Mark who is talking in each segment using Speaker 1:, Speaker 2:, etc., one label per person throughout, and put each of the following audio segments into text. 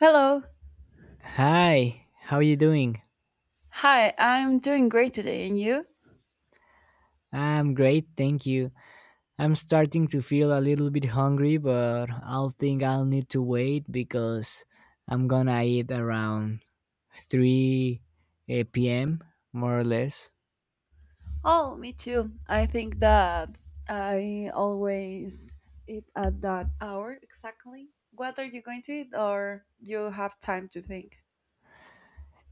Speaker 1: Hello.
Speaker 2: Hi, how are you doing?
Speaker 1: Hi, I'm doing great today. And you?
Speaker 2: I'm great, thank you. I'm starting to feel a little bit hungry, but I'll think I'll need to wait because I'm gonna eat around 3 p.m., more or less.
Speaker 1: Oh, me too. I think that I always eat at that hour exactly. What are you going to eat, or you have time to think?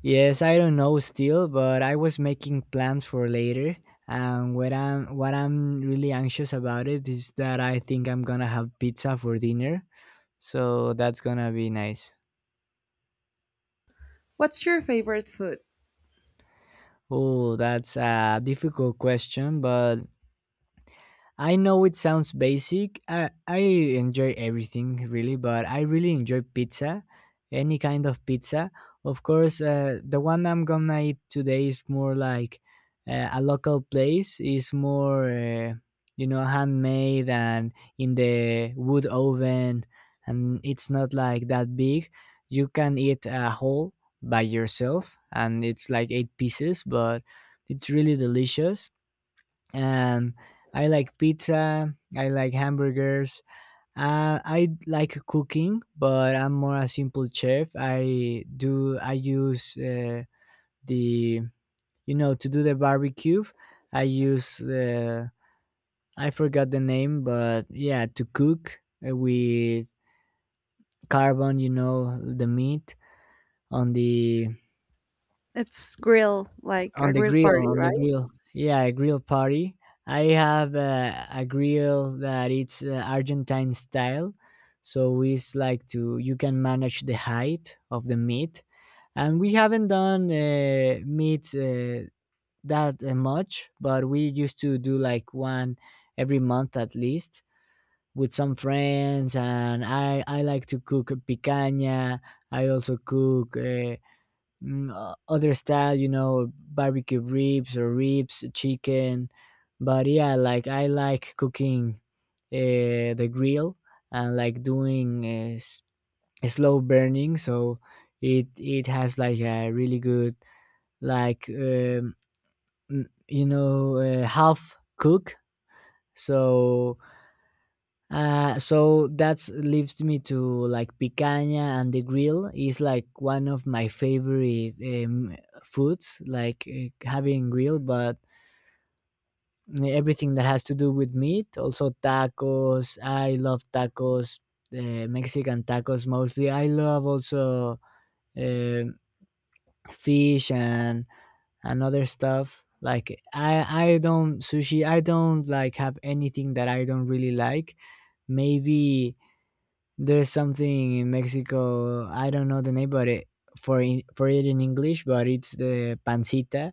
Speaker 2: Yes, I don't know still, but I was making plans for later. And what I'm really anxious about it is that I think I'm gonna have pizza for dinner, so that's gonna be nice.
Speaker 1: What's your favorite food?
Speaker 2: Oh, that's a difficult question, but I know it sounds basic. I enjoy everything really, but I really enjoy pizza, any kind of pizza. Of course, the one I'm gonna eat today is more like a local place. Is more, handmade and in the wood oven, and it's not like that big. You can eat a whole by yourself, and it's like eight pieces, but it's really delicious and I like pizza. I like hamburgers. I like cooking, but I'm more a simple chef. I do. I use the to do the barbecue. I use the, I forgot the name, but yeah, to cook with carbon. You know, the meat on the
Speaker 1: It's grill, like
Speaker 2: on
Speaker 1: a
Speaker 2: the
Speaker 1: grill
Speaker 2: grill
Speaker 1: party,
Speaker 2: on the
Speaker 1: right?
Speaker 2: grill. Yeah, a grill party. I have a grill that it's Argentine style, so it's like to you can manage the height of the meat. And we haven't done meat that much, but we used to do like one every month at least with some friends. And I like to cook picanha. I also cook other style, you know, barbecue ribs or ribs, chicken. But yeah, like I like cooking the grill, and like doing slow burning, so it has like a really good, like, mm, you know half cook. So So that's leaves me to like picanha, and the grill is like one of my favorite foods, like having grill. But everything that has to do with meat, also tacos. I love tacos, Mexican tacos mostly. I love also um fish and other stuff. Like I don't sushi. I don't like have anything that I don't really like. Maybe there's something in Mexico, I don't know the name, but it, for in, for it in English, but it's the pancita,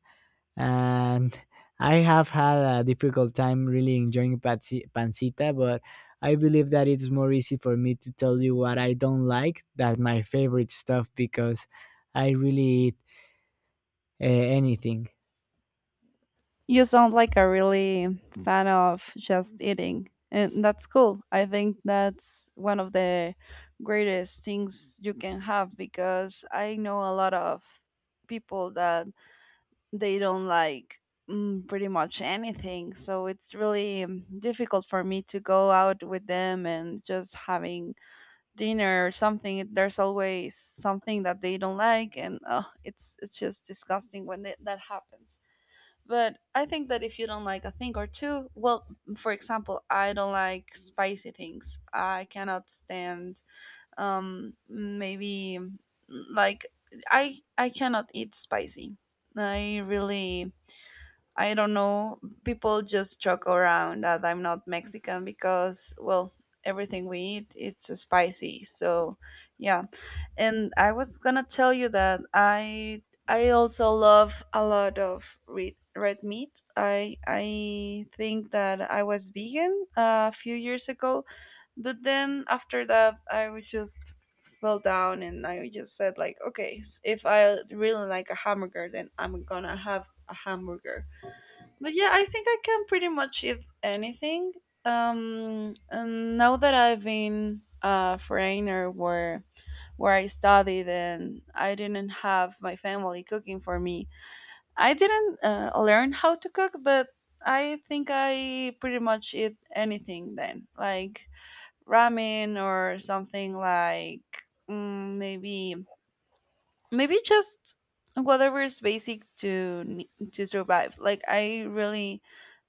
Speaker 2: and I have had a difficult time really enjoying pancita. But I believe that it's more easy for me to tell you what I don't like than my favorite stuff, because I really eat anything.
Speaker 1: You sound like a really fan of just eating. And that's cool. I think that's one of the greatest things you can have because I know a lot of people that they don't like pretty much anything. So it's really difficult for me to go out with them and just having dinner or something. There's always something that they don't like, and it's just disgusting when that happens. But I think that if you don't like a thing or two, well, for example, I don't like spicy things. I cannot stand maybe like I cannot eat spicy. I really I don't know. People just joke around that I'm not Mexican because, well, everything we eat it's spicy. So, yeah. And I was gonna tell you that I also love a lot of red meat. I think that I was vegan a few years ago, but then after that I would just fell down and I just said like, okay, if I really like a hamburger, then I'm gonna have a hamburger. But yeah, I think I can pretty much eat anything. And now that I've been a foreigner where I studied and I didn't have my family cooking for me, I didn't learn how to cook, but I think I pretty much eat anything then, like ramen or something like maybe just whatever is basic to to survive. Like I really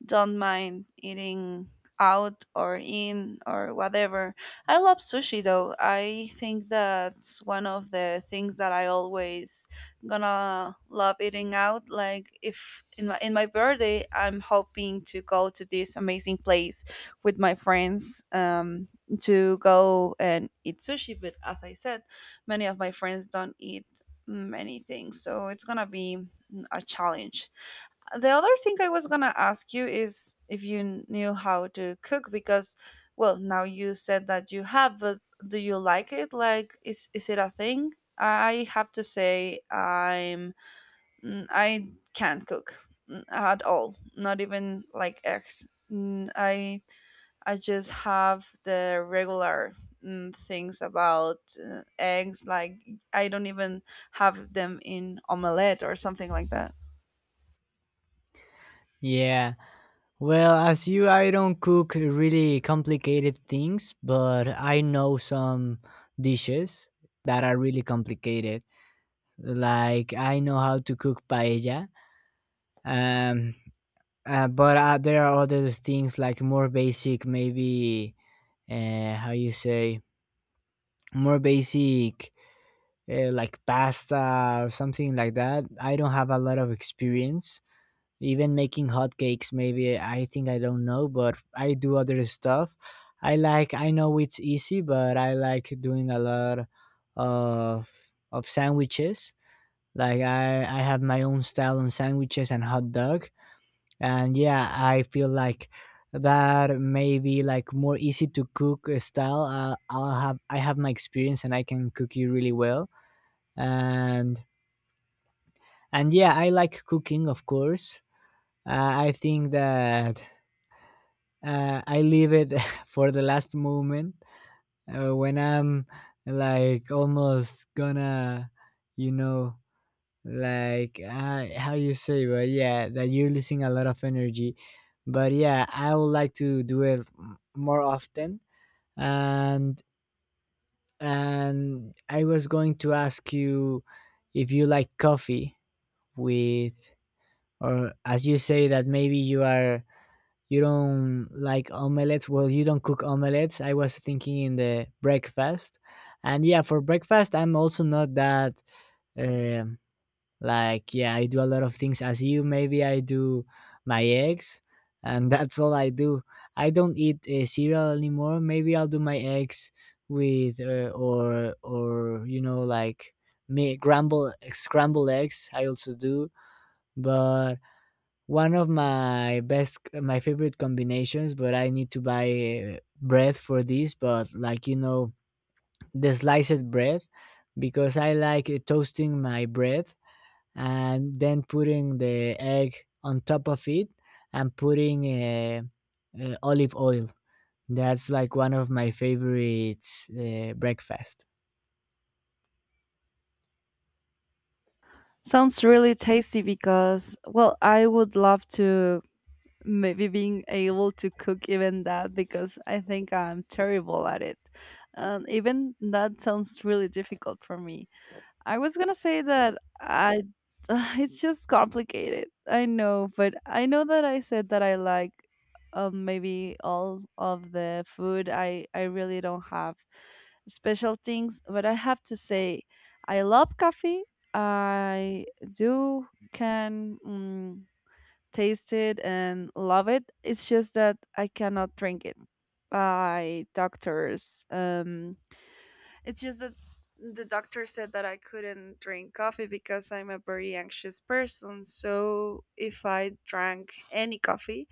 Speaker 1: don't mind eating out or in or whatever. I love sushi though. I think that's one of the things that I always gonna love eating out. Like if in my birthday, I'm hoping to go to this amazing place with my friends to go and eat sushi. But as I said, many of my friends don't eat many things, so it's gonna be a challenge. The other thing I was going to ask you is if you knew how to cook because, well, now you said that you have, but do you like it? Like is it a thing? I have to say I'm I can't cook at all. Not even like eggs. I just have the regular things about eggs, like I don't even have them in omelette or something like that.
Speaker 2: Yeah. Well, as you, I don't cook really complicated things, but I know some dishes that are really complicated. Like I know how to cook paella, um, but there are other things like more basic, maybe how you say, more basic, like pasta or something like that. I don't have a lot of experience even making hotcakes maybe, I think, I don't know. But I do other stuff. I like, I know it's easy, but I like doing a lot of of sandwiches. Like I have my own style on sandwiches and hot dog. And yeah, I feel like that maybe like more easy to cook style. I have my experience and I can cook you really well. and and yeah, I like cooking, of course. uh, I think that I leave it for the last moment, when I'm like almost gonna, you know, like, how you say, but yeah, that you're losing a lot of energy. But yeah, I would like to do it more often. And and I was going to ask you if you like coffee with, or as you say that maybe you are, you don't like omelets, well, you don't cook omelets. I was thinking in the breakfast. And yeah, for breakfast I'm also not that, um like, yeah, I do a lot of things as you. Maybe I do my eggs and that's all I do. I don't eat cereal anymore. Maybe I'll do my eggs with or, you know, like me scramble scrambled eggs I also do. But one of my best, my favorite combinations, but I need to buy bread for this. But like, you know, the sliced bread, because I like toasting my bread and then putting the egg on top of it, and putting olive oil. That's like one of my favorite breakfast.
Speaker 1: Sounds really tasty because, well, I would love to maybe being able to cook even that because I think I'm terrible at it. And even that sounds really difficult for me. I was gonna say that I it's just complicated. I know, but I know that I said that I like maybe all of the food. I really don't have special things, but I have to say I love coffee. I do can taste it and love it. It's just that I cannot drink it by doctors. It's just that the doctor said that I couldn't drink coffee because I'm a very anxious person. So if I drank any coffee,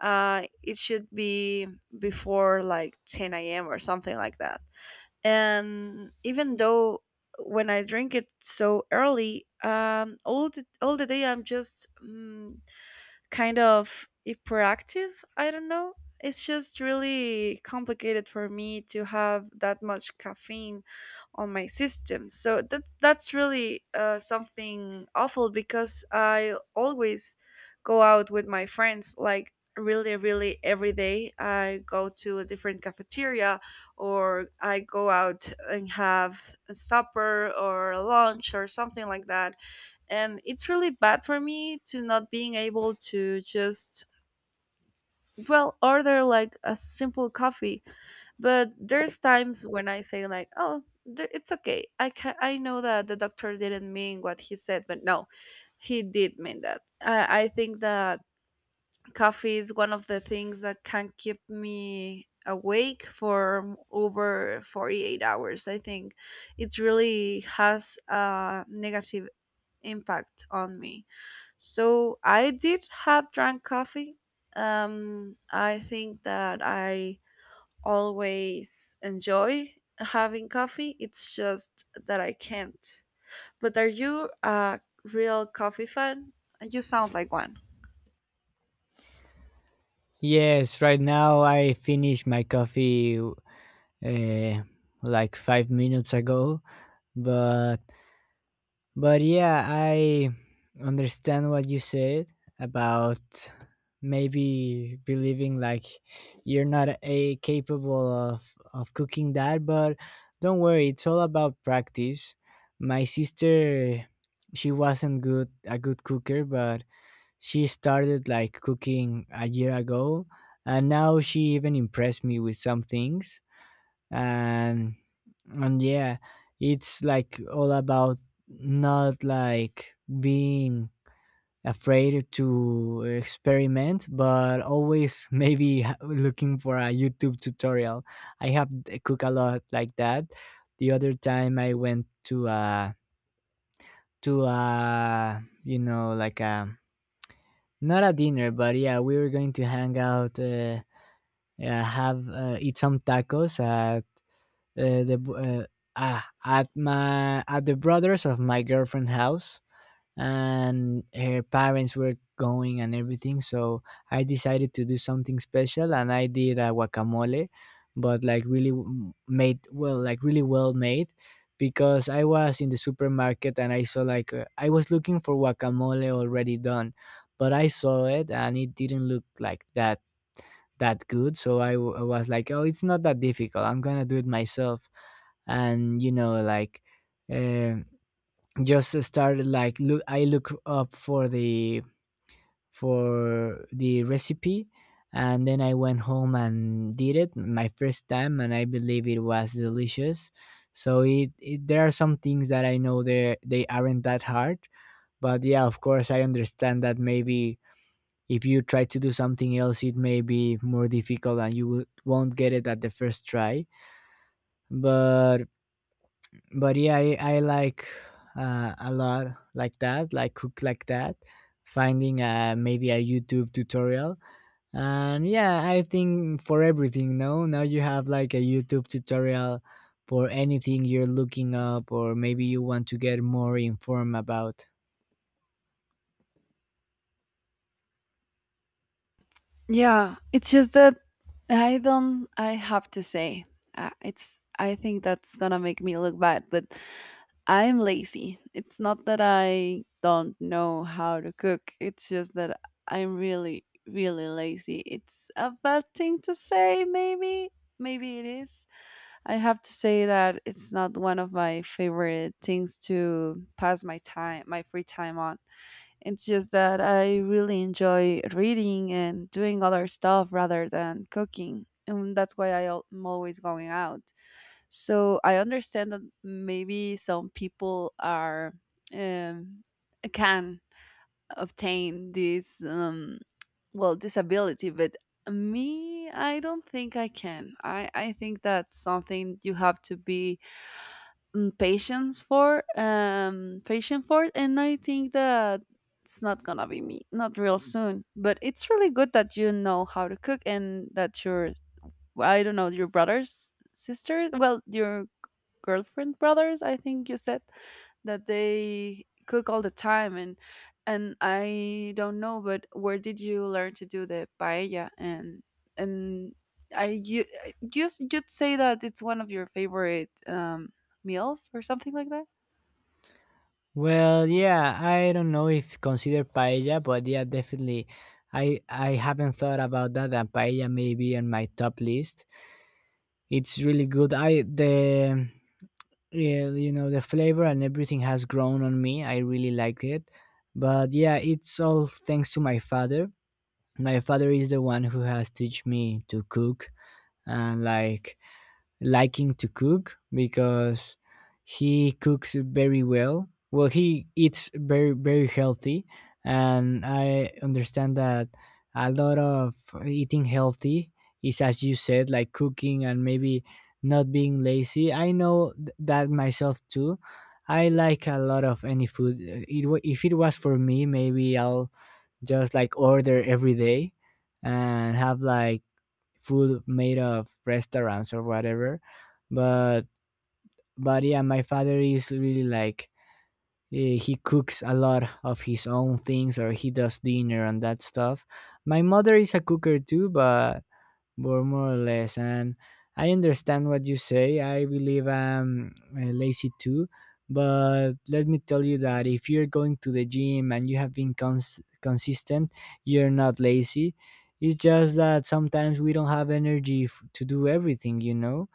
Speaker 1: it should be before like 10 a.m. or something like that. And even though when I drink it so early, all the day I'm just kind of hyperactive. I don't know. It's just really complicated for me to have that much caffeine on my system. So that's really something awful because I always go out with my friends, like really every day. I go to a different cafeteria, or I go out and have a supper or a lunch or something like that. And it's really bad for me to not being able to just, well, order like a simple coffee. But there's times when I say like, oh, it's okay, I can, I know that the doctor didn't mean what he said, but no, he did mean that. I think that coffee is one of the things that can keep me awake for over 48 hours, I think. It really has a negative impact on me. So I did have drunk coffee. I think that I always enjoy having coffee. It's just that I can't. But are you a real coffee fan? You sound like one.
Speaker 2: Yes, right now I finished my coffee uh, like 5 minutes ago, but yeah, I understand what you said about maybe believing like you're not a capable of cooking that. But don't worry, it's all about practice. My sister, she wasn't good a good cooker, but she started like cooking a year ago, and now she even impressed me with some things. And and yeah, it's like all about not like being afraid to experiment, but always maybe looking for a YouTube tutorial. Cook a lot like that. The other time I went to a, to a, you know, like a, not a dinner, but yeah, we were going to hang out, have eat some tacos at uh, the b- uh, at my at the brothers of my girlfriend house, and her parents were going and everything. So I decided to do something special and I did a guacamole, but like really made well, like really well made, because I was in the supermarket and I saw like, I was looking for guacamole already done, but I saw it and it didn't look like that good. So I was like, oh, it's not that difficult, I'm gonna do it myself. And, you know, like, uh, just started like look up for the recipe. And then I went home and did it my first time, and I believe it was delicious. So it there are some things that I know they aren't that hard. But yeah, of course I understand that maybe if you try to do something else, it may be more difficult and won't get it at the first try. but but yeah, I like a lot like that, like cook like that, finding maybe a YouTube tutorial. And yeah, I think for everything no, now you have like a YouTube tutorial for anything you're looking up or maybe you want to get more informed about.
Speaker 1: Yeah, it's just that I don't. I have to say, it's. I think that's gonna make me look bad, but I'm lazy. It's not that I don't know how to cook. It's just that I'm really, really lazy. It's a bad thing to say, maybe. Maybe it is. I have to say that it's not one of my favorite things to pass my time, my free time on. It's just that I really enjoy reading and doing other stuff rather than cooking. And that's why I'm always going out. So I understand that maybe some people are um, can obtain this well disability, but me, I don't think I can. I think that's something you have to be patient for, and I think that it's not gonna be me, not real soon. But it's really good that you know how to cook, and that your, I don't know, your brother's sister, well, your girlfriend brothers, I think you said, that they cook all the time. And I don't know, but where did you learn to do the paella? And and i you you you'd say that it's one of your favorite meals or something like that.
Speaker 2: Well, yeah, I don't know if consider paella, but yeah, definitely, I haven't thought about that and paella may be on my top list. It's really good. I the Yeah, you know, the flavor and everything has grown on me. I really like it. But yeah, it's all thanks to my father. My father is the one who has teach me to cook, and like liking to cook, because he cooks very well. Well, he eats very very healthy, and I understand that a lot of eating healthy is, as you said, like cooking and maybe not being lazy. I know that myself too. I like a lot of any food. It, if it was for me, maybe I'll just like order every day and have like food made of restaurants or whatever. But but yeah, my father is really like, he cooks a lot of his own things or he does dinner and that stuff. My mother is a cooker too, but more or less. And I understand what you say. I believe I'm lazy too. But let me tell you, that if you're going to the gym and you have been consistent, you're not lazy. It's just that sometimes we don't have energy to do everything, you know?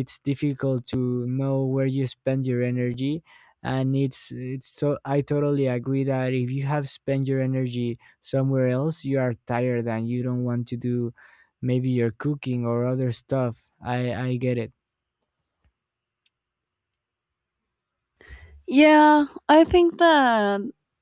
Speaker 2: It's difficult to know where you spend your energy. And it's so I totally agree that if you have spent your energy somewhere else, you are tired and you don't want to do maybe your cooking or other stuff. I get it.
Speaker 1: Yeah, I think that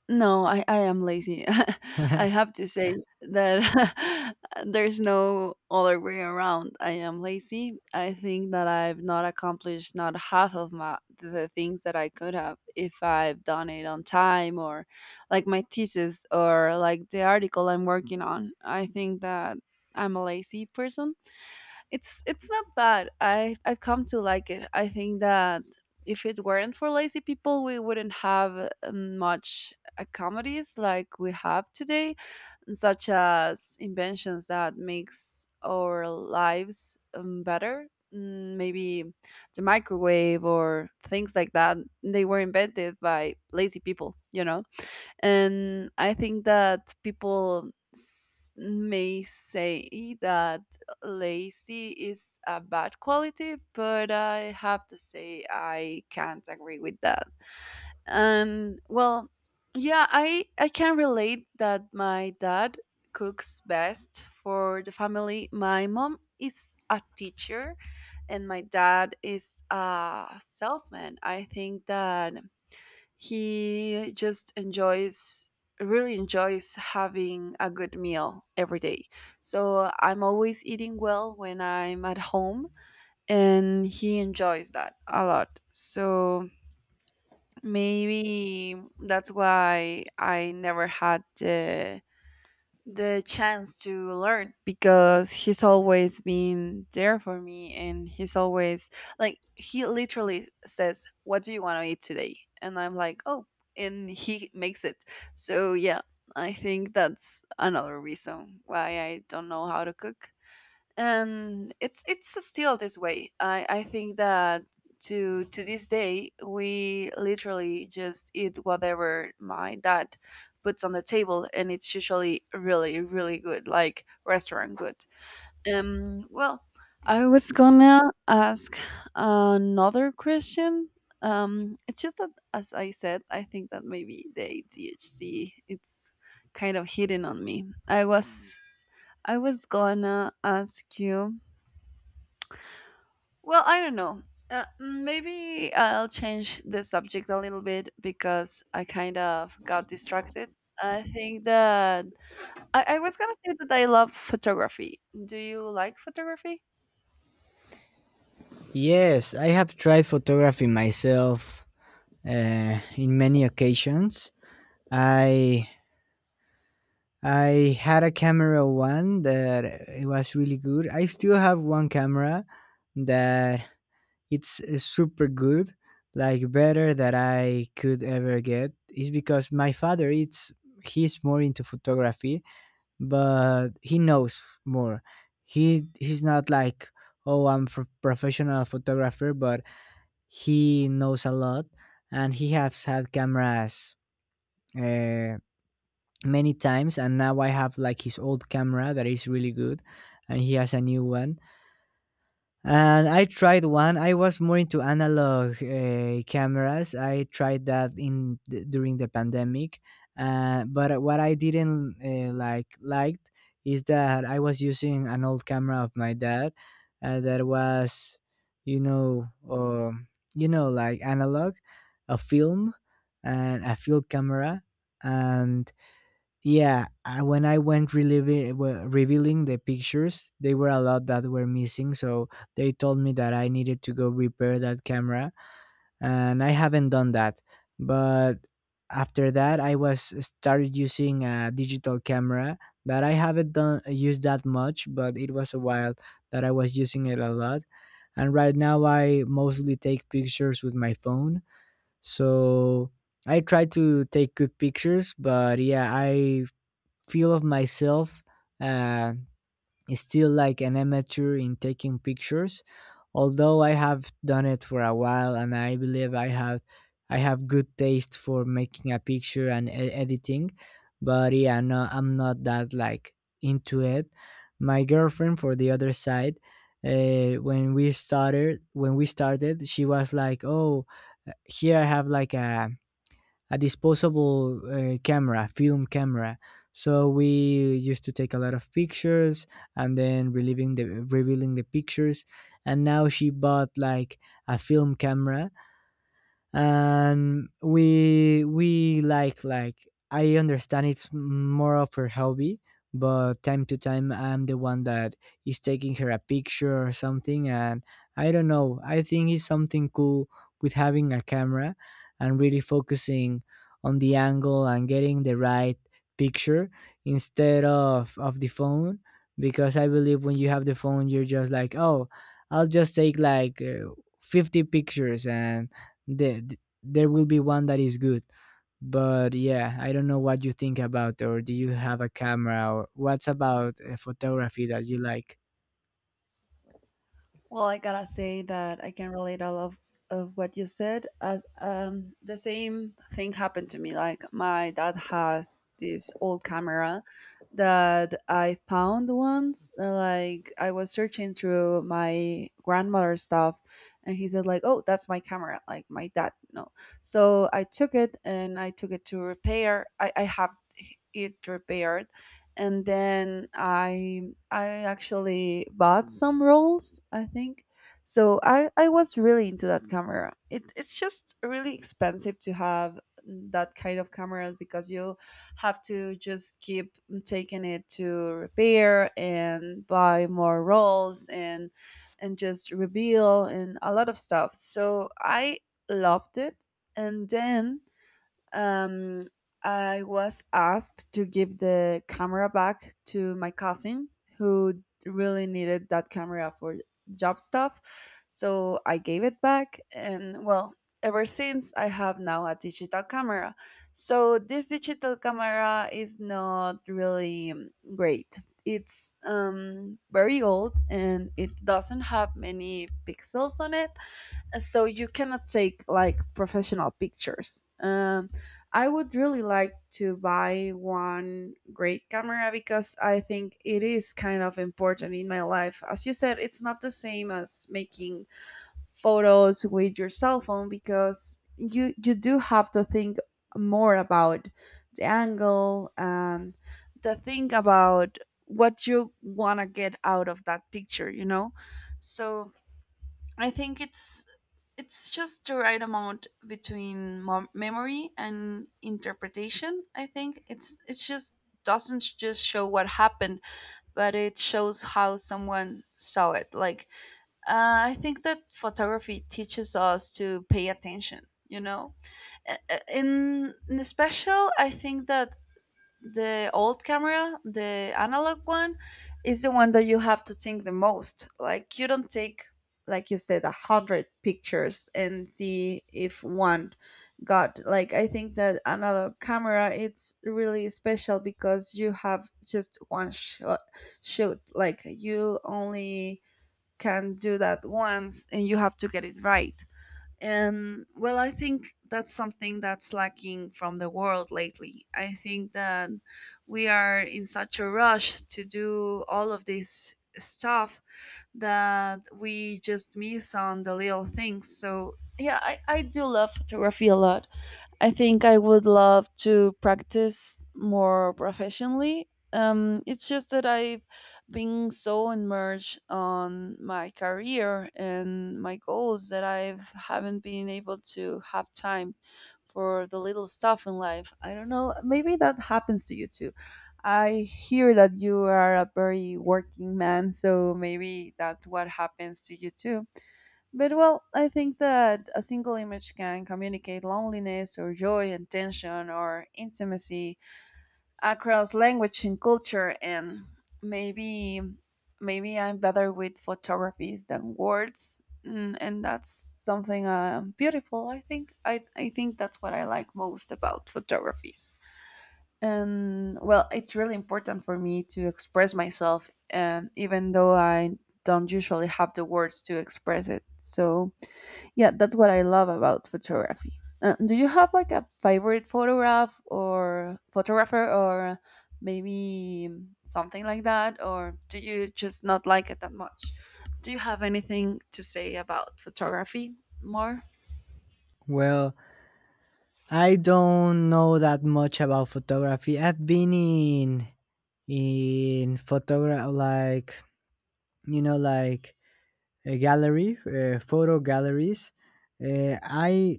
Speaker 1: no, I am lazy. I have to say that there's no other way around. I am lazy. I think that I've not accomplished not half of my the things that I could have if I've done it on time, or like my thesis or like the article I'm working on. I think that I'm a lazy person. It's not bad. I've come to like it. I think that if it weren't for lazy people, we wouldn't have much comedies like we have today, such as inventions that makes our lives better. Maybe the microwave or things like that. They were invented by lazy people. And I think that people may say that lazy is a bad quality, but I have to say I can't agree with that. And well, yeah, I can relate that my dad cooks best for the family. My mom is a teacher, and my dad is a salesman. I think that he just enjoys really enjoys having a good meal every day. So I'm always eating well when I'm at home, and he enjoys that a lot. So maybe that's why I never had the chance to learn, because he's always been there for me, and he's always, like, he literally says, what do you want to eat today, and I'm like, oh, and he makes it. So yeah, I think that's another reason why I don't know how to cook. And it's still this way. I think that to this day we literally just eat whatever my dad puts on the table, and it's usually really really good, like restaurant good. Well, I was gonna ask another question. It's just that, as I said, I think that maybe the adhd it's kind of hidden on me. I was gonna ask you, well, I don't know. Maybe I'll change the subject a little bit because I kind of got distracted. I think that I was gonna say that I love photography. Do you like photography?
Speaker 2: Yes, I have tried photography myself in many occasions. i I had a camera one that it was really good. I still have one camera that it's super good, like better that I could ever get. Is because my father it's, he's more into photography, but he knows more. He's not like, oh, I'm a professional photographer, but he knows a lot, and he has had cameras Uh, many times. And now I have like his old camera that is really good, and he has a new one. And I tried one. I was more into analog cameras. I tried that in during the pandemic. But what I didn't like liked is that I was using an old camera of my dad, that was, you know, um, like analog, a film and a field camera, and yeah, when I went reliving, well, revealing the pictures, they were a lot that were missing. So they told me that I needed to go repair that camera, and I haven't done that. But after that, I was started using a digital camera that I haven't done used that much, but it was a while that I was using it a lot. And right now, I mostly take pictures with my phone. So I try to take good pictures, but yeah, I feel of myself uh, still like an amateur in taking pictures, although I have done it for a while and I believe I have good taste for making a picture and editing. But yeah, no, I'm not that like into it. My girlfriend, for the other side, when we started, she was like, "Oh, here I have like a disposable camera, film camera." So we used to take a lot of pictures and then relieving the revealing the pictures. And now she bought like a film camera, and we like I understand it's more of her hobby, but time to time I'm the one that is taking her a picture or something. And I don't know, I think it's something cool with having a camera and really focusing on the angle and getting the right picture instead of the phone, because I believe when you have the phone you're just like, oh, I'll just take like 50 pictures and there will be one that is good. But yeah, I don't know what you think about, or do you have a camera, or what's about photography that you like?
Speaker 1: Well, I gotta say that I can relate a lot of what you said. As the same thing happened to me. Like my dad has this old camera that I found once. Like I was searching through my grandmother's stuff, and he said like, "Oh, that's my camera." Like my dad, no. So I took it and I took it to repair. I have it repaired, and then I actually bought some rolls, I think. So I was really into that camera. It's just really expensive to have that kind of cameras because you have to just keep taking it to repair and buy more rolls, and just reveal, and a lot of stuff. So I loved it. And then um, I was asked to give the camera back to my cousin who really needed that camera for job stuff. So I gave it back. And well, ever since, I have now a digital camera. So this digital camera is not really great. It's very old, and it doesn't have many pixels on it, so you cannot take like professional pictures. I would really like to buy one great camera because I think it is kind of important in my life. As you said, it's not the same as making photos with your cell phone, because you do have to think more about the angle and the thing about what you want to get out of that picture, you know? So I think it's just the right amount between memory and interpretation. I think it's just doesn't just show what happened, but it shows how someone saw it. Like I think that photography teaches us to pay attention. You know, in the special, I think that the old camera, the analog one, is the one that you have to think the most. Like you don't take, like you said, 100 pictures and see if one got. Like I think that analog camera, it's really special because you have just one shot shoot. Like you only can do that once, and you have to get it right. And well, I think that's something that's lacking from the world lately. I think that we are in such a rush to do all of this stuff that we just miss on the little things. So, yeah, I do love photography a lot. I think I would love to practice more professionally. It's just that I've been so immersed on my career and my goals that I haven't been able to have time for the little stuff in life. I don't know. Maybe that happens to you too. I hear that you are a very working man, so maybe that's what happens to you too. But well, I think that a single image can communicate loneliness or joy and tension or intimacy across language and culture, and maybe maybe I'm better with photographies than words. And that's something beautiful. I think I think that's what I like most about photographies. And well, it's really important for me to express myself, even though I don't usually have the words to express it. So yeah, that's what I love about photography. Do you have like a favorite photograph or photographer, or maybe something like that? Or do you just not like it that much? Do you have anything to say about photography more?
Speaker 2: Well, I don't know that much about photography. I've been in photograph, like, you know, like a gallery, photo galleries. I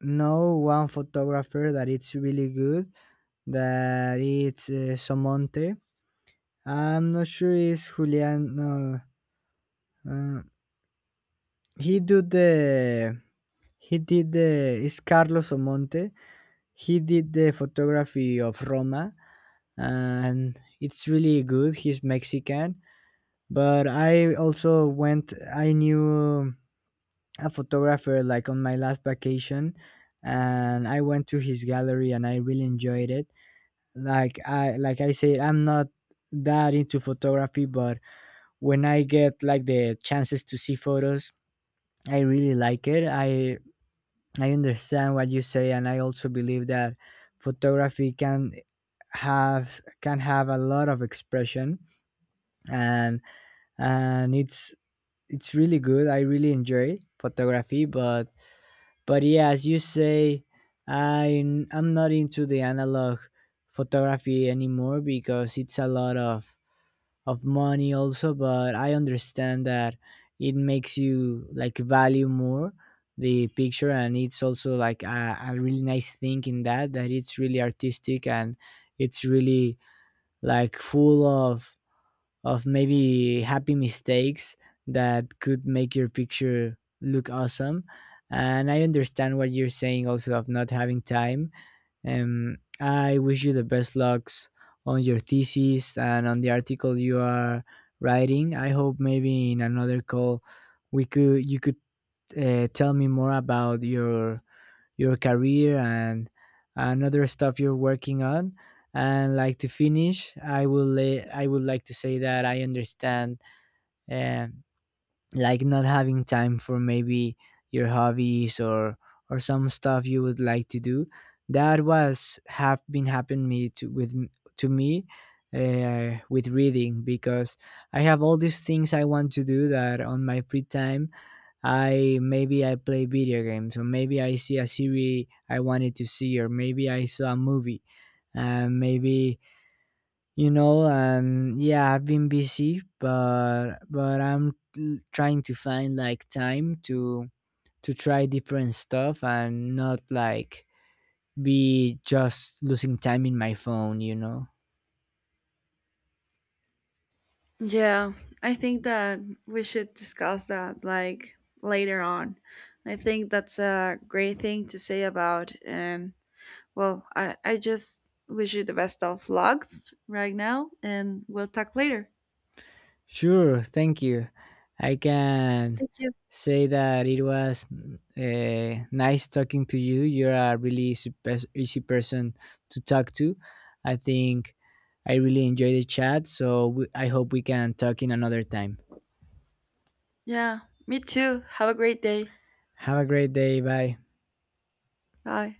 Speaker 2: know one photographer that it's really good, that it's, Somonte. I'm not sure. It's Julian. No, uh, he do the he did the, it's Carlos Omonte. He did the photography of Roma, and it's really good. He's Mexican, but I also went. I knew a photographer like on my last vacation, and I went to his gallery, and I really enjoyed it. Like I I said, I'm not that into photography, but when I get like the chances to see photos, I really like it. I understand what you say, and I also believe that photography can have a lot of expression, and and it's it's really good. I really enjoy photography, but yeah, as you say, I I'm not into the analog photography anymore because it's a lot of money also. But I understand that it makes you like value more the picture, and it's also like a really nice thing in that, it's really artistic and it's really like full of maybe happy mistakes that could make your picture look awesome. And I understand what you're saying also of not having time. I wish you the best lucks on your thesis and on the article you are writing. I hope maybe in another call we could you could tell me more about your career and another stuff you're working on. And like to finish, I would like to say that I understand um like not having time for maybe your hobbies or some stuff you would like to do. That was have been happened me to with m- to me with reading, because I have all these things I want to do, that on my free time I play video games, or maybe I see a series I wanted to see, or maybe I saw a movie and maybe, yeah, I've been busy, but I'm trying to find like time to try different stuff and not like be just losing time in my phone, you know.
Speaker 1: Yeah, I think that we should discuss that like later on. I think that's a great thing to say about. And well, I just wish you the best of lugs right now, and we'll talk later.
Speaker 2: Sure, thank you. I can
Speaker 1: Thank you.
Speaker 2: say that it was nice talking to you. You're a really easy, easy person to talk to, I think. I really enjoyed the chat, so I hope we can talk in another time.
Speaker 1: Yeah, me too. Have a great day.
Speaker 2: Have a great day. Bye.
Speaker 1: Bye.